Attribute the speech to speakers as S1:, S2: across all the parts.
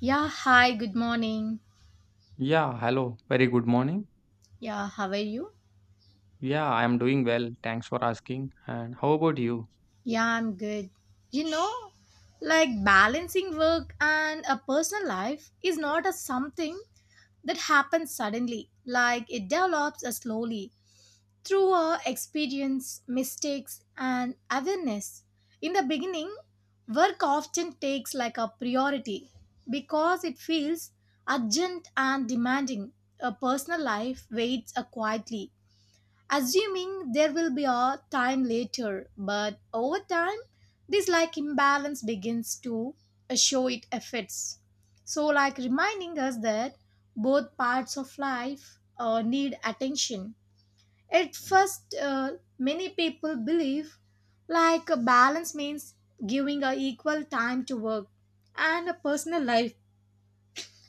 S1: Yeah, hi, good morning.
S2: Yeah, hello. Very good morning.
S1: Yeah, how are you?
S2: Yeah, I am doing well. Thanks for asking. And how about you?
S1: Yeah, I'm good. You know, like balancing work and a personal life is not a something that happens suddenly. Like it develops slowly through our experience, mistakes, and awareness. In the beginning, work often takes like a priority because it feels urgent and demanding. A personal life waits quietly assuming there will be a time later. But over time, this like imbalance begins to show its effects. So, like reminding us that both parts of life need attention. At first, many people believe like a balance means giving a equal time to work and a personal life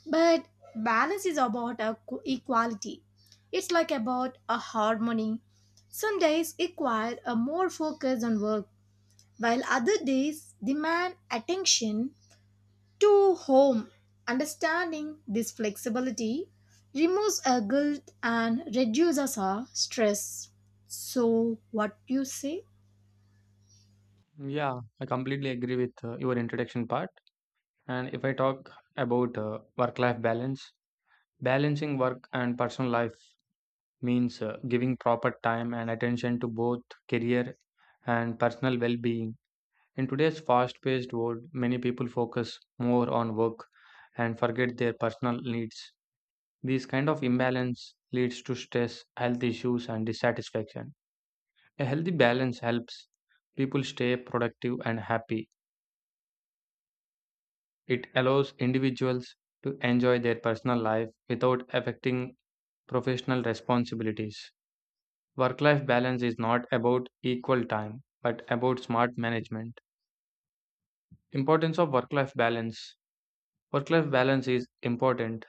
S1: but balance is about a equality. It's like about a harmony. Some days require a more focus on work, while other days demand attention to home. Understanding this flexibility removes a guilt and reduces our stress. So, what you say?
S2: Yeah, I completely agree with your introduction part. And if I talk about work life balance, balancing work and personal life means giving proper time and attention to both career and personal well being. In today's fast paced world, many people focus more on work and forget their personal needs. This kind of imbalance leads to stress, health issues, and dissatisfaction. A healthy balance helps people stay productive and happy. It allows individuals to enjoy their personal life without affecting professional responsibilities. Work life balance is not about equal time, but about smart management. Importance of work life balance. Work life balance is important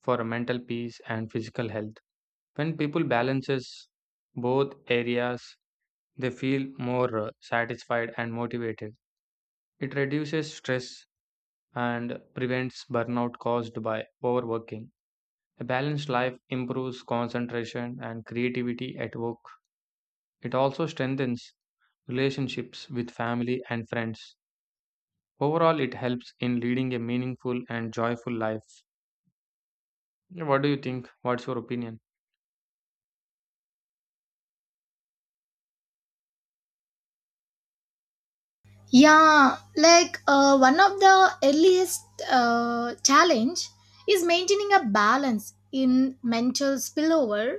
S2: for mental peace and physical health. When people balances both areas, they feel more satisfied and motivated. It reduces stress and prevents burnout caused by overworking. A balanced life improves concentration and creativity at work. It also strengthens relationships with family and friends. Overall, it helps in leading a meaningful and joyful life. Yeah, what do you think? What's your opinion?
S1: Yeah, like one of the earliest challenge is maintaining a balance in mental spillover,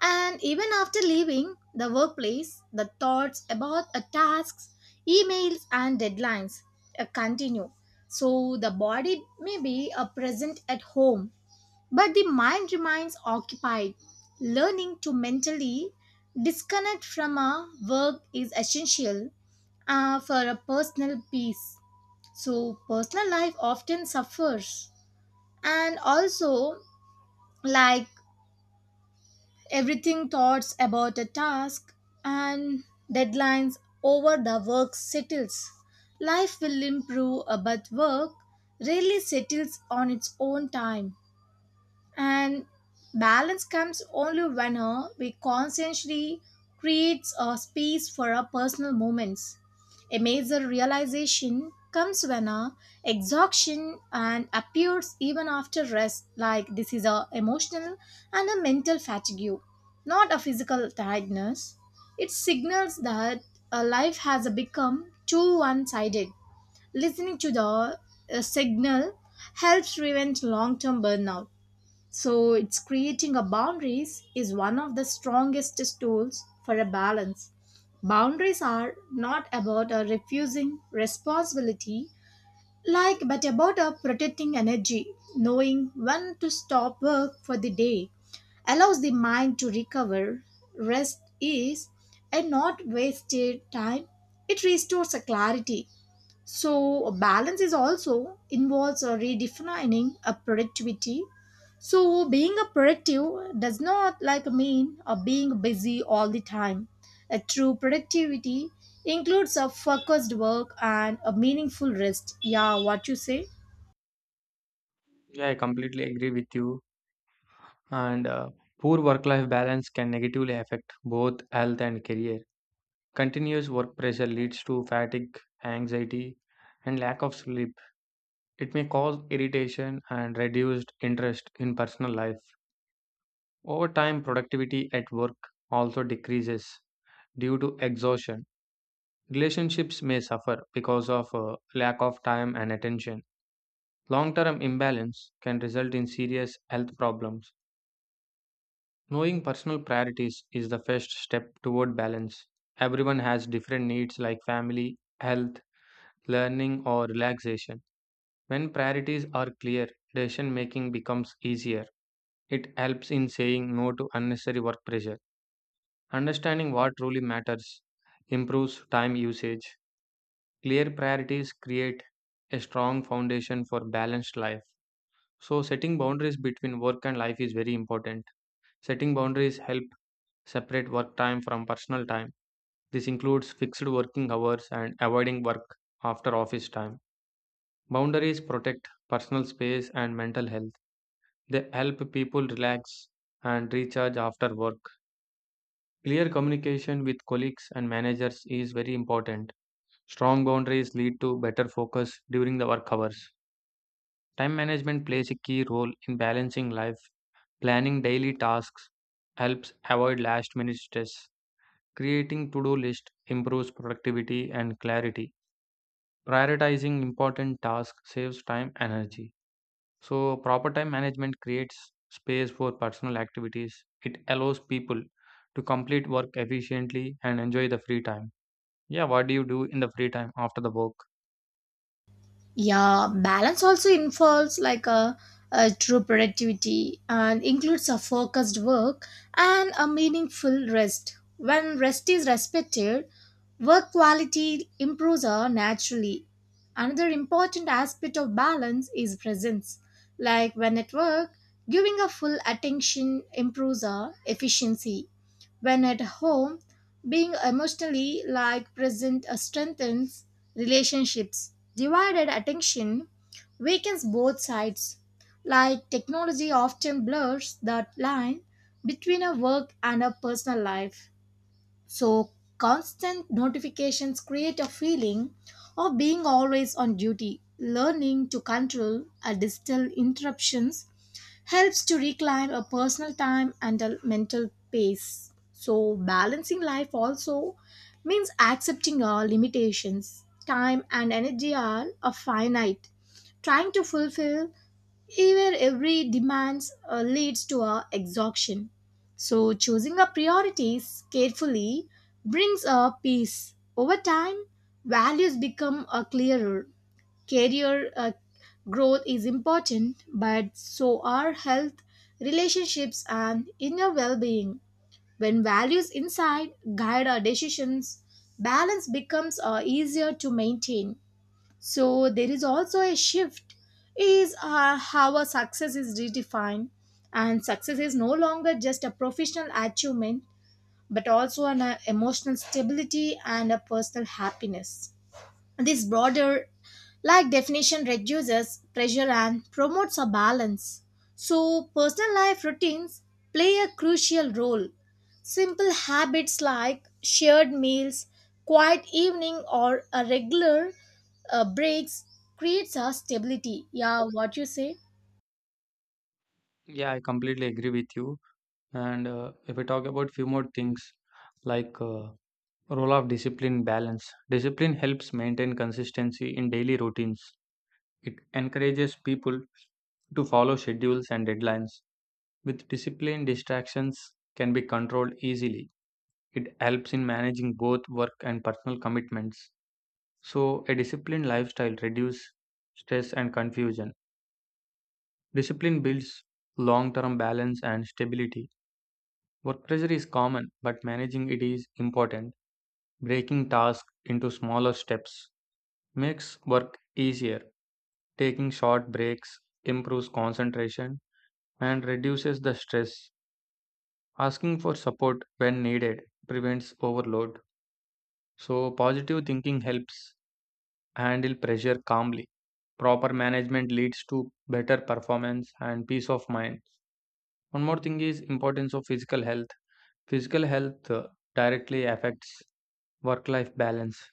S1: and even after leaving the workplace, the thoughts about a tasks, emails, and deadlines continue. So the body may be present at home, but the mind remains occupied. Learning to mentally disconnect from a work is essential for a personal peace. So, personal life often suffers. And also, like everything, thoughts about a task and deadlines over the work settles. Life will improve, but work really settles on its own time. And balance comes only when we consciously creates a space for our personal moments. A major realization comes when a exhaustion and appears even after rest, like this is a emotional and a mental fatigue, not a physical tiredness. It signals that a life has become too one-sided. Listening to the signal helps prevent long-term burnout. So, it's creating a boundaries is one of the strongest tools for a balance. Boundaries are not about a refusing responsibility, like but about a protecting energy, knowing when to stop work for the day allows the mind to recover, rest is, and not wasted time. It restores a clarity so balance is also involves redefining a productivity so being a productive does not like mean being busy all the time a true productivity includes a focused work and a meaningful rest. Yeah, what you say?
S2: Yeah, I completely agree with you. And poor work life balance can negatively affect both health and career. Continuous work pressure leads to fatigue, anxiety, and lack of sleep. It may cause irritation and reduced interest in personal life. Over time, productivity at work also decreases due to exhaustion. Relationships may suffer because of lack of time and attention. Long term imbalance can result in serious health problems. Knowing personal priorities is the first step toward balance. Everyone has different needs like family, health, learning, or relaxation. When priorities are clear, decision making becomes easier. It helps in saying no to unnecessary work pressure. Understanding what truly matters improves time usage. Clear priorities create a strong foundation for balanced life. So, setting boundaries between work and life is very important. Setting boundaries help separate work time from personal time. This includes fixed working hours and avoiding work after office time. Boundaries protect personal space and mental health. They help people relax and recharge after work. Clear communication with colleagues and managers is very important. Strong boundaries lead to better focus during the work hours. Time management plays a key role in balancing life. Planning daily tasks helps avoid last minute stress. Creating to do list improves productivity and clarity. Prioritizing important tasks saves time and energy. So, proper time management creates space for personal activities. It allows people to complete work efficiently and enjoy the free time. Yeah, what do you do in the free time after the work?
S1: Yeah, balance also involves like a true productivity and includes a focused work and a meaningful rest. When rest is respected, work quality improves naturally. Another important aspect of balance is presence. Like when at work, giving a full attention improves our efficiency. When at home, being emotionally like present strengthens relationships. Divided attention weakens both sides. Like technology often blurs that line between a work and a personal life. So constant notifications create a feeling of being always on duty. Learning to control a digital interruptions helps to reclaim a personal time and a mental pace. So, balancing life also means accepting our limitations. Time and energy are finite. Trying to fulfill even every demands leads to our exhaustion. So, choosing our priorities carefully brings a peace. Over time, values become clearer. Career growth is important, but so are health, relationships, and inner well being. When values inside guide our decisions, balance becomes easier to maintain. So, there is also a shift is how our success is redefined and success is no longer just a professional achievement but also an emotional stability and a personal happiness this broader like definition reduces pressure and promotes a balance. So, personal life routines play a crucial role. Simple habits like shared meals, quiet evening, or a regular breaks creates a stability. Yeah, what you say?
S2: Yeah, I completely agree with you. And if we talk about few more things like role of discipline balance. Discipline helps maintain consistency in daily routines. It encourages people to follow schedules and deadlines. With discipline, distractions can be controlled easily. It helps in managing both work and personal commitments. So, a disciplined lifestyle reduces stress and confusion. Discipline builds long term balance and stability. Work pressure is common, but managing it is important. Breaking tasks into smaller steps makes work easier. Taking short breaks improves concentration and reduces the stress. Asking for support when needed prevents overload. So, positive thinking helps handle pressure calmly. Proper management leads to better performance and peace of mind. One more thing is importance of physical health. Physical health directly affects work-life balance.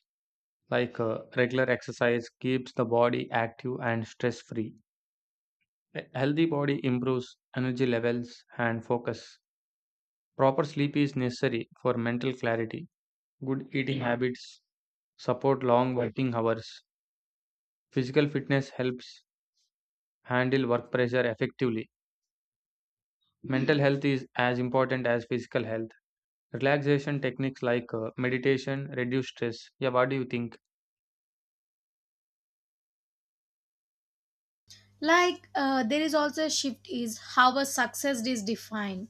S2: Like regular exercise keeps the body active and stress-free. A healthy body improves energy levels and focus. Proper sleep is necessary for mental clarity. Good eating habits support long working hours. Physical fitness helps handle work pressure effectively. Mental health is as important as physical health. Relaxation techniques like meditation reduce stress. Yeah, what do you think?
S1: Like there is also a shift is how a success is defined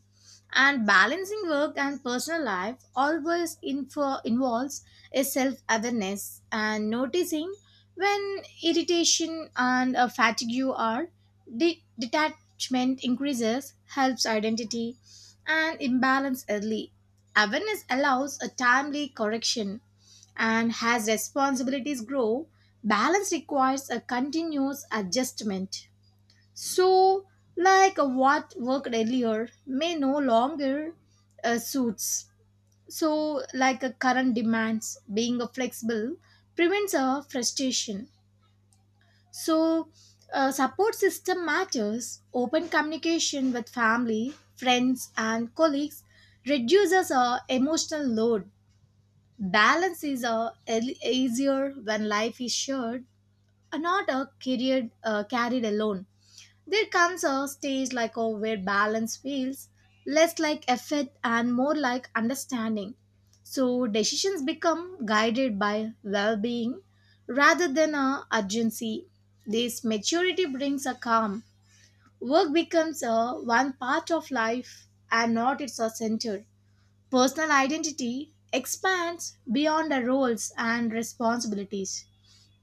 S1: and balancing work and personal life always involves a self-awareness and noticing when irritation and fatigue are detachment increases helps identity and imbalance early awareness allows a timely correction and as responsibilities grow. Balance requires a continuous adjustment. So, like what worked earlier may no longer suits. So, like a current demands, being a flexible prevents a frustration. So, a support system matters. Open communication with family, friends, and colleagues reduces a emotional load. Balance is easier when life is shared are not a carried alone. There comes a stage like a where balance feels less like effort and more like understanding. So decisions become guided by well-being rather than a urgency. This maturity brings a calm. Work becomes a one part of life and not its a center. Personal identity expands beyond the roles and responsibilities.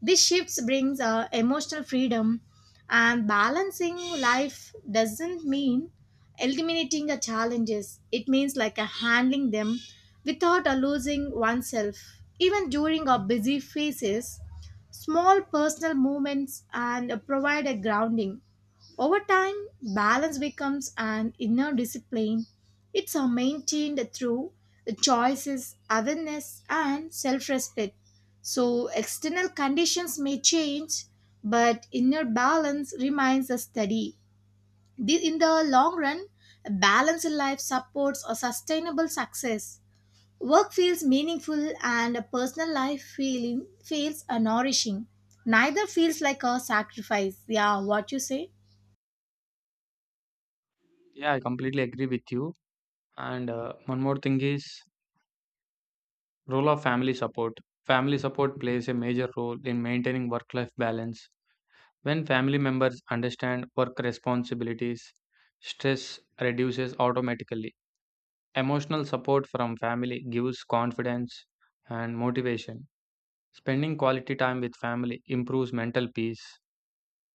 S1: This shift brings emotional freedom, and balancing life doesn't mean eliminating the challenges. It means like handling them without losing oneself. Even during our busy phases, small personal movements and provide a grounding. Over time, balance becomes an inner discipline. It's maintained through the choices, awareness, and self respect. So, external conditions may change, but inner balance remains a steady. This, in the long run, a balanced life supports a sustainable success. Work feels meaningful, and a personal life feeling feels a nourishing. Neither feels like a sacrifice. Yeah, what you say?
S2: Yeah, I completely agree with you. And one more thing is role of family support. Family support plays a major role in maintaining work-life balance. When family members understand work responsibilities, stress reduces automatically. Emotional support from family gives confidence and motivation. Spending quality time with family improves mental peace.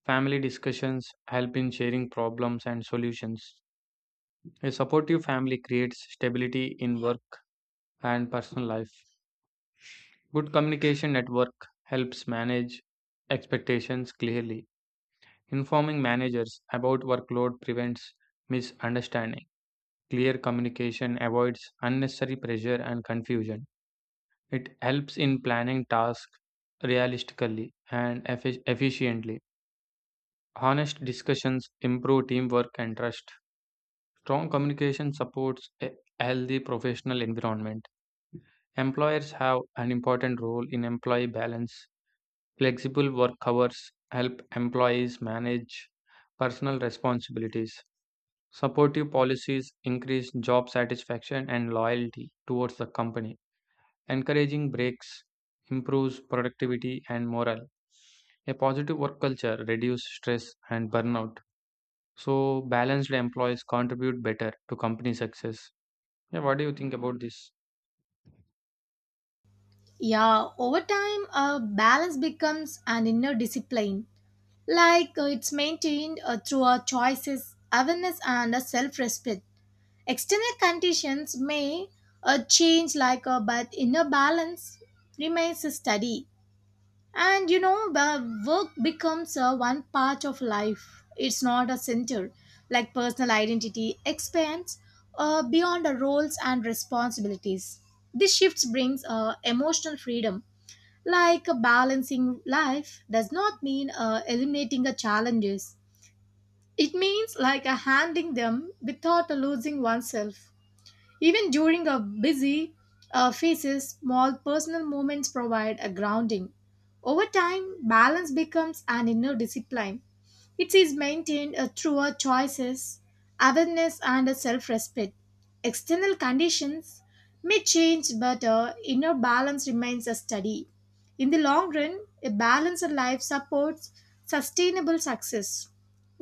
S2: Family discussions help in sharing problems and solutions. A supportive family creates stability in work and personal life. Good communication at work helps manage expectations clearly. Informing managers about workload prevents misunderstanding. Clear communication avoids unnecessary pressure and confusion. It helps in planning tasks realistically and efficiently. Honest discussions improve teamwork and trust. Strong communication supports a healthy professional environment. Employers have an important role in employee balance. Flexible work hours help employees manage personal responsibilities. Supportive policies increase job satisfaction and loyalty towards the company. Encouraging breaks improves productivity and morale. A positive work culture reduces stress and burnout. So, balanced employees contribute better to company success. Yeah, what do you think about this?
S1: Yeah, over time, a balance becomes an inner discipline. Like it's maintained through our choices, awareness, and self respect. External conditions may change, like, but inner balance remains steady. And you know, the work becomes one part of life, it's not a center. Like personal identity expands beyond the roles and responsibilities. This shift brings emotional freedom like a balancing life does not mean eliminating the challenges. It means like handling them without losing oneself. Even during a busy phases, small personal moments provide a grounding. Over time, balance becomes an inner discipline it is maintained through our choices, awareness, and self respect. External conditions may change, but inner balance remains a study. In the long run, a balanced life supports sustainable success.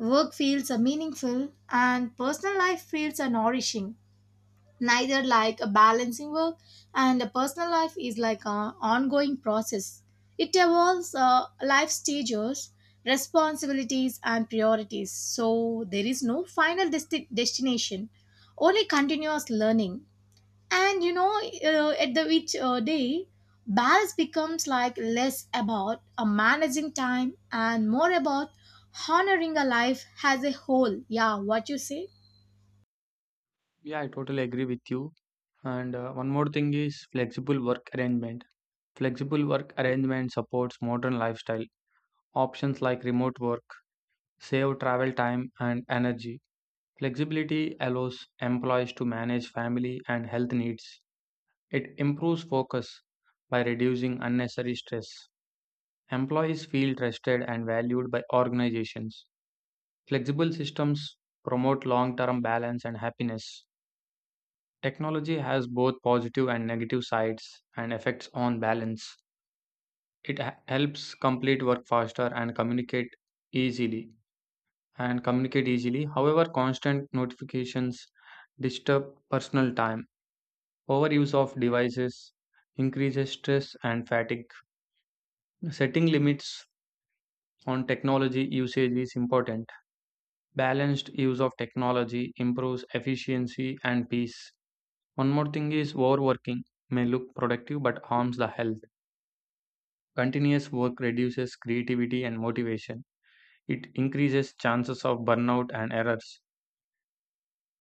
S1: Work feels meaningful, and personal life feels nourishing neither like a balancing work and a personal life is like an ongoing process it evolves life stages responsibilities and priorities so there is no final destination only continuous learning and you know at the which day balance becomes like less about managing time and more about honoring a life as a whole. Yeah, what you say?
S2: Yeah, I totally agree with you. And one more thing is flexible work arrangement. Flexible work arrangement supports modern lifestyle. Options like remote work save travel time and energy. Flexibility allows employees to manage family and health needs. It improves focus by reducing unnecessary stress. Employees feel trusted and valued by organizations. Flexible systems promote long-term balance and happiness. Technology has both positive and negative sides and effects on balance. It helps complete work faster and easily communicate easily. However, constant notifications disturb personal time. Overuse of devices increases stress and fatigue. Setting limits on technology usage is important. Balanced use of technology improves efficiency and peace. One more thing is overworking may look productive but harms the health. Continuous work reduces creativity and motivation. It increases chances of burnout and errors.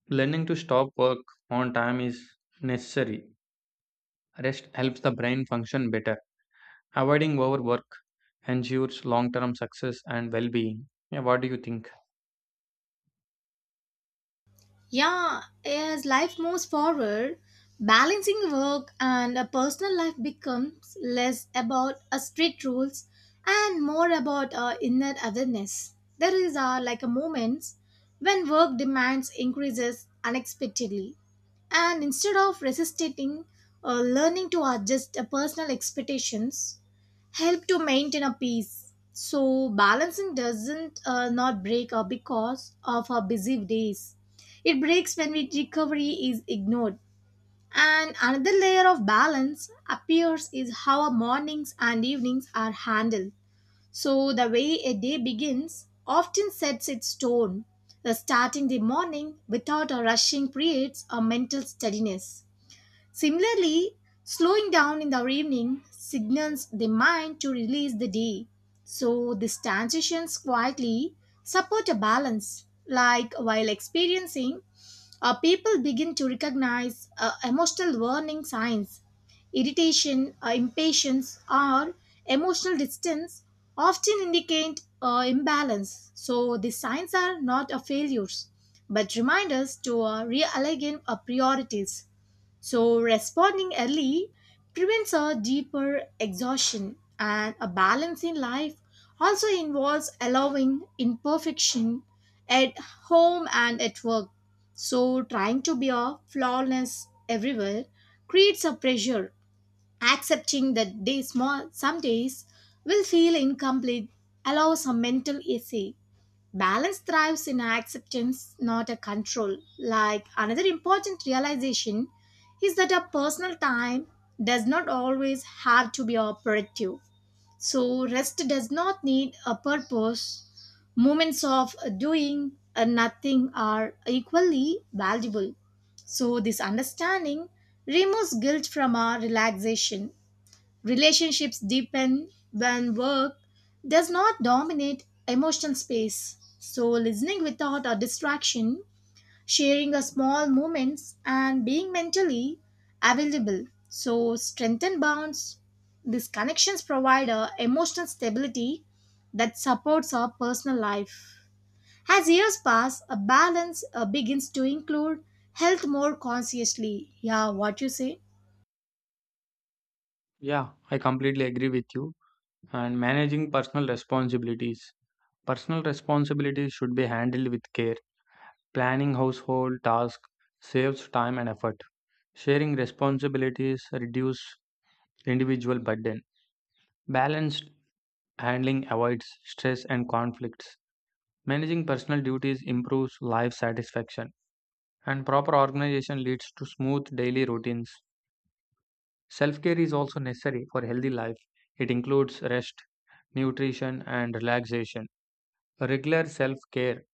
S2: Learning to stop work on time is necessary. Rest helps the brain function better. Avoiding overwork ensures long term success and well being. Yeah, what do you think?
S1: Yeah, as life moves forward, balancing work and a personal life becomes less about a strict rules and more about our inner awareness. There is like a moments when work demands increases unexpectedly, and instead of resisting, learning to adjust personal expectations help to maintain a peace. So balancing doesn't not break because of our busy days it breaks when recovery is ignored. And another layer of balance appears is how our mornings and evenings are handled. So, the way a day begins often sets its tone. The starting the morning without a rushing creates a mental steadiness. Similarly, slowing down in the evening signals the mind to release the day. So these transitions quietly support a balance. Like while experiencing, people begin to recognize emotional warning signs. Irritation, impatience, or emotional distance often indicate imbalance. So these signs are not a failures, but reminders to realign our priorities. So, responding early prevents a deeper exhaustion, and a balance in life also involves allowing imperfection at home and at work. So, trying to be a flawless everywhere creates a pressure. Accepting that day small some days will feel incomplete allows a mental essay. Balance thrives in acceptance, not a control. Like another important realization is that our personal time does not always have to be our productive. So rest does not need a purpose. Moments of doing and nothing are equally valuable. So this understanding removes guilt from our relaxation. Relationships deepen when work does not dominate emotional space. So, listening without a distraction, sharing a small moments, and being mentally available. So, strengthen bonds. These connections provide a emotional stability that supports our personal life. As years pass, a balance begins to include health more consciously. Yeah, what you say?
S2: Yeah, I completely agree with you. And managing personal responsibilities. Personal responsibilities should be handled with care. Planning household tasks saves time and effort. Sharing responsibilities reduce individual burden. Balanced handling avoids stress and conflicts. Managing personal duties improves life satisfaction, and proper organization leads to smooth daily routines. Self care is also necessary for healthy life. It includes rest, nutrition, and relaxation. Regular self care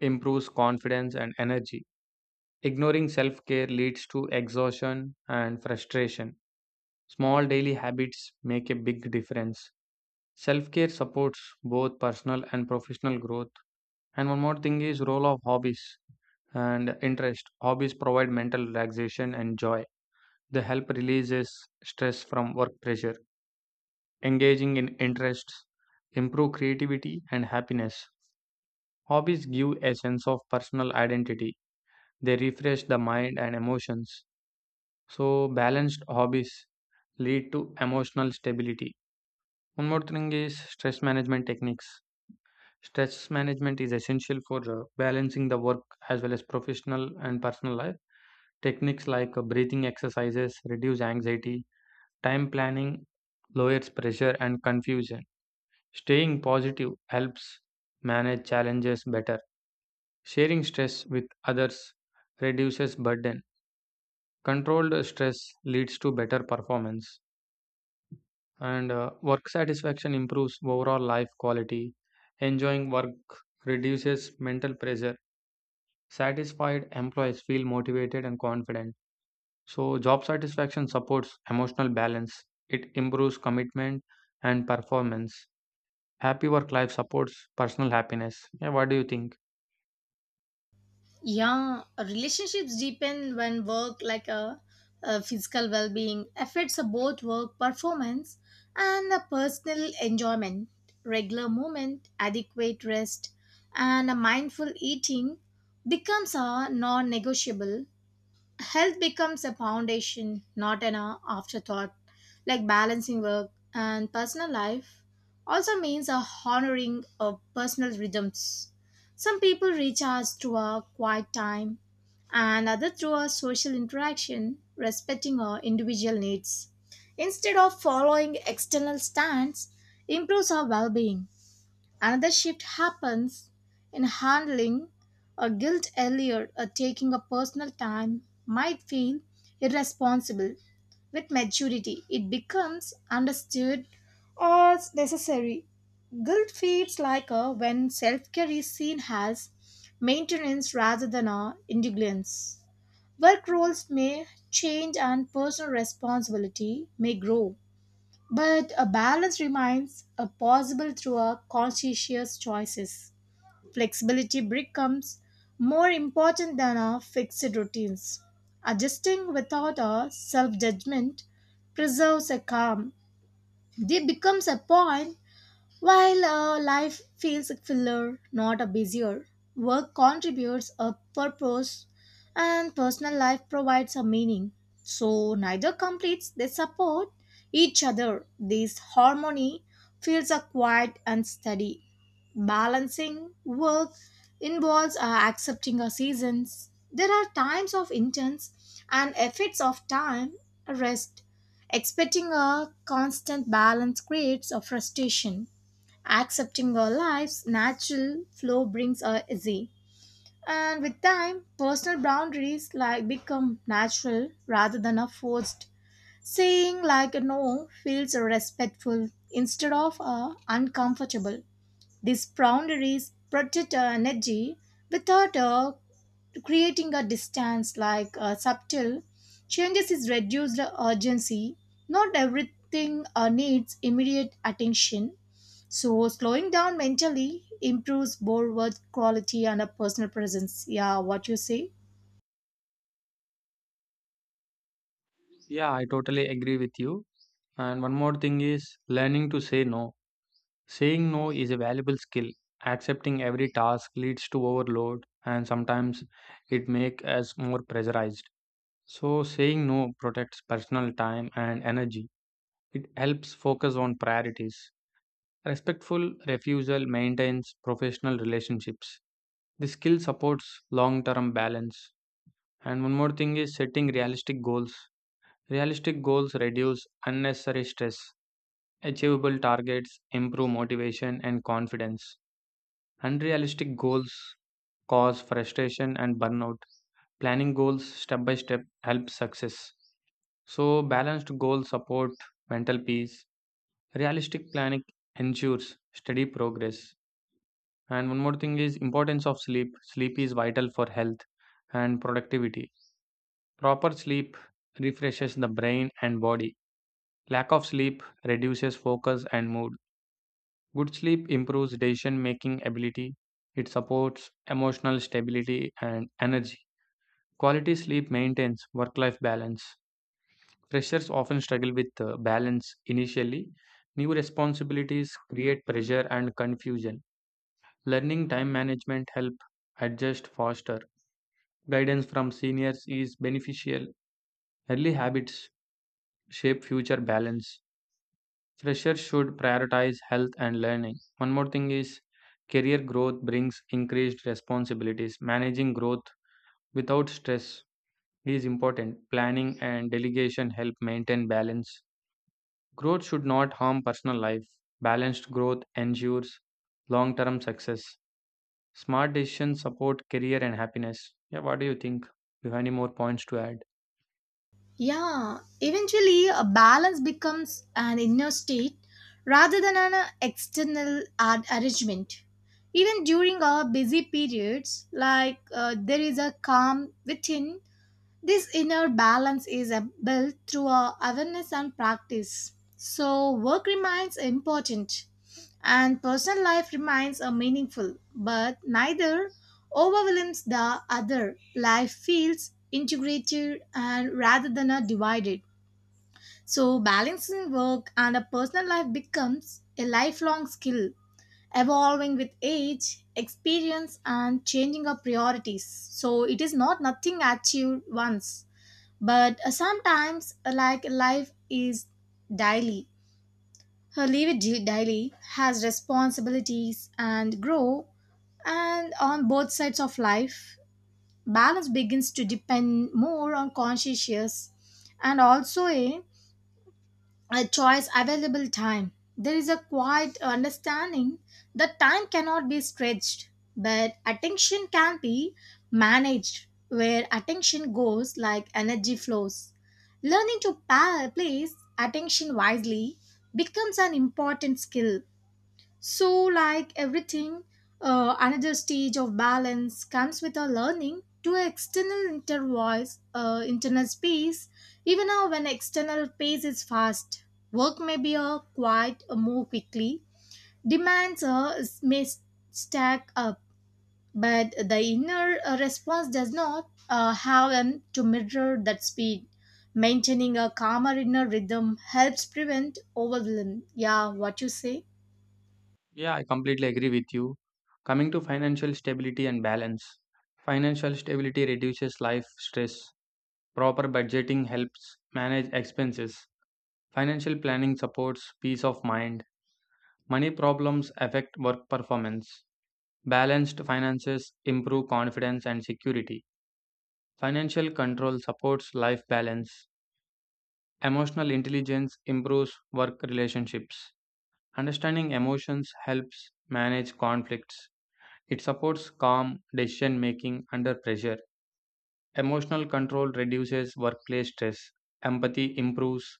S2: improves confidence and energy. Ignoring self care leads to exhaustion and frustration. Small daily habits make a big difference. Self care supports both personal and professional growth. And one more thing is role of hobbies and interest. Hobbies provide mental relaxation and joy. They help releases stress from work pressure. Engaging in interests improve creativity and happiness. Hobbies give a sense of personal identity. They refresh the mind and emotions. So balanced hobbies lead to emotional stability. One more thing is stress management techniques. Stress management is essential for balancing the work as well as professional and personal life. Techniques like breathing exercises reduce anxiety, time planning lowers pressure and confusion. Staying positive helps manage challenges better. Sharing stress with others reduces burden. Controlled stress leads to better performance, and work satisfaction improves overall life quality. Enjoying work reduces mental pressure. Satisfied employees feel motivated and confident. So, job satisfaction supports emotional balance, it improves commitment and performance. Happy work life supports personal happiness. Yeah, what do you think?
S1: Yeah, relationships deepen when work, like a physical well being, affects both work performance and a personal enjoyment. Regular movement, adequate rest, and a mindful eating becomes a non negotiable health becomes a foundation, not an afterthought. Like balancing work and personal life also means a honoring of personal rhythms. Some people recharge through a quiet time, and others through a social interaction, respecting our individual needs. Instead of following external stands, improves our well-being. Another shift happens in handling a guilt earlier, a taking a personal time might feel irresponsible. With maturity, it becomes understood or necessary. Guilt feels like a when self care is seen as maintenance rather than a indulgence. Work roles may change and personal responsibility may grow. But a balance remains a possible through our conscientious choices. Flexibility becomes more important than our fixed routines. Adjusting without our self judgment preserves a calm. They becomes a point while life feels fuller, not a busier, work contributes a purpose and personal life provides a meaning. So neither completes, they support each other. This harmony feels a quiet and steady. Balancing work involves accepting our seasons. There are times of intense and effects of time, rest. Expecting a constant balance creates a frustration. Accepting our life's natural flow brings us easy. And with time, personal boundaries like become natural rather than a forced. Saying like a no feels respectful instead of uncomfortable. These boundaries protect our energy without creating a distance like subtle changes is reduced urgency not everything needs immediate attention so slowing down mentally improves both work quality and a personal presence. Yeah, what you say?
S2: Yeah, I totally agree with you. And one more thing is learning to say no. Saying no is a valuable skill. Accepting every task leads to overload and sometimes it makes us more pressurized. So saying no protects personal time and energy. It helps focus on priorities. Respectful refusal maintains professional relationships. This skill supports long term balance. And one more thing is setting realistic goals. Realistic goals reduce unnecessary stress. Achievable targets improve motivation and confidence. Unrealistic goals cause frustration and burnout. Planning goals step by step helps success. So, balanced goals support mental peace. Realistic planning ensures steady progress. And one more thing is importance of sleep. Sleep is vital for health and productivity. Proper sleep refreshes the brain and body. Lack of sleep reduces focus and mood. Good sleep improves decision making ability. It supports emotional stability and energy. Quality sleep maintains work life balance. Freshers often struggle with balance initially. New responsibilities create pressure and confusion. Learning time management help adjust faster. Guidance from seniors is beneficial. Early habits shape future balance. Freshers should prioritize health and learning. One more thing is career growth brings increased responsibilities. Managing growth without stress is important. Planning and delegation help maintain balance. Growth should not harm personal life. Balanced growth ensures long term success. Smart decisions support career and happiness. Yeah, what do you think? Do you have any more points to add?
S1: Yeah, eventually a balance becomes an inner state rather than an external arrangement even during our busy periods like there is a calm within. This inner balance is built through our awareness and practice. So, work remains important and personal life remains meaningful, but neither overwhelms the other. Life feels integrated and rather than a divided. So, balancing work and a personal life becomes a lifelong skill, evolving with age, experience, and changing our priorities. So, it is not nothing achieved once but sometimes, like life is daily, her live it daily has responsibilities and grow, and on both sides of life, balance begins to depend more on conscientious and also a choice available time there is a quiet understanding that time cannot be stretched but attention can be managed where attention goes like energy flows learning to place attention wisely becomes an important skill so, like everything, another stage of balance comes with our learning to external inter voice, internal space, even now when external pace is fast. Work may be quite move quickly, demands may stack up, but the inner response does not have an to mirror that speed. Maintaining a calmer inner rhythm helps prevent overwhelm. Yeah, what you say?
S2: Yeah, I completely agree with you. Coming to financial stability and balance, financial stability reduces life stress. Proper budgeting helps manage expenses. Financial planning supports peace of mind. Money problems affect work performance. Balanced finances improve confidence and security. Financial control supports life balance. Emotional intelligence improves work relationships. Understanding emotions helps manage conflicts. It supports calm decision making under pressure. Emotional control reduces workplace stress. Empathy improves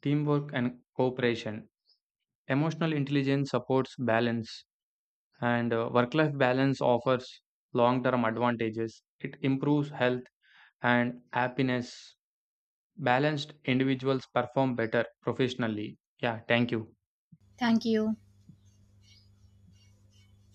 S2: teamwork and cooperation. Emotional intelligence supports balance, and work life balance offers long term advantages. It improves health and happiness. Balanced individuals perform better professionally. Yeah, thank you.
S1: Thank you.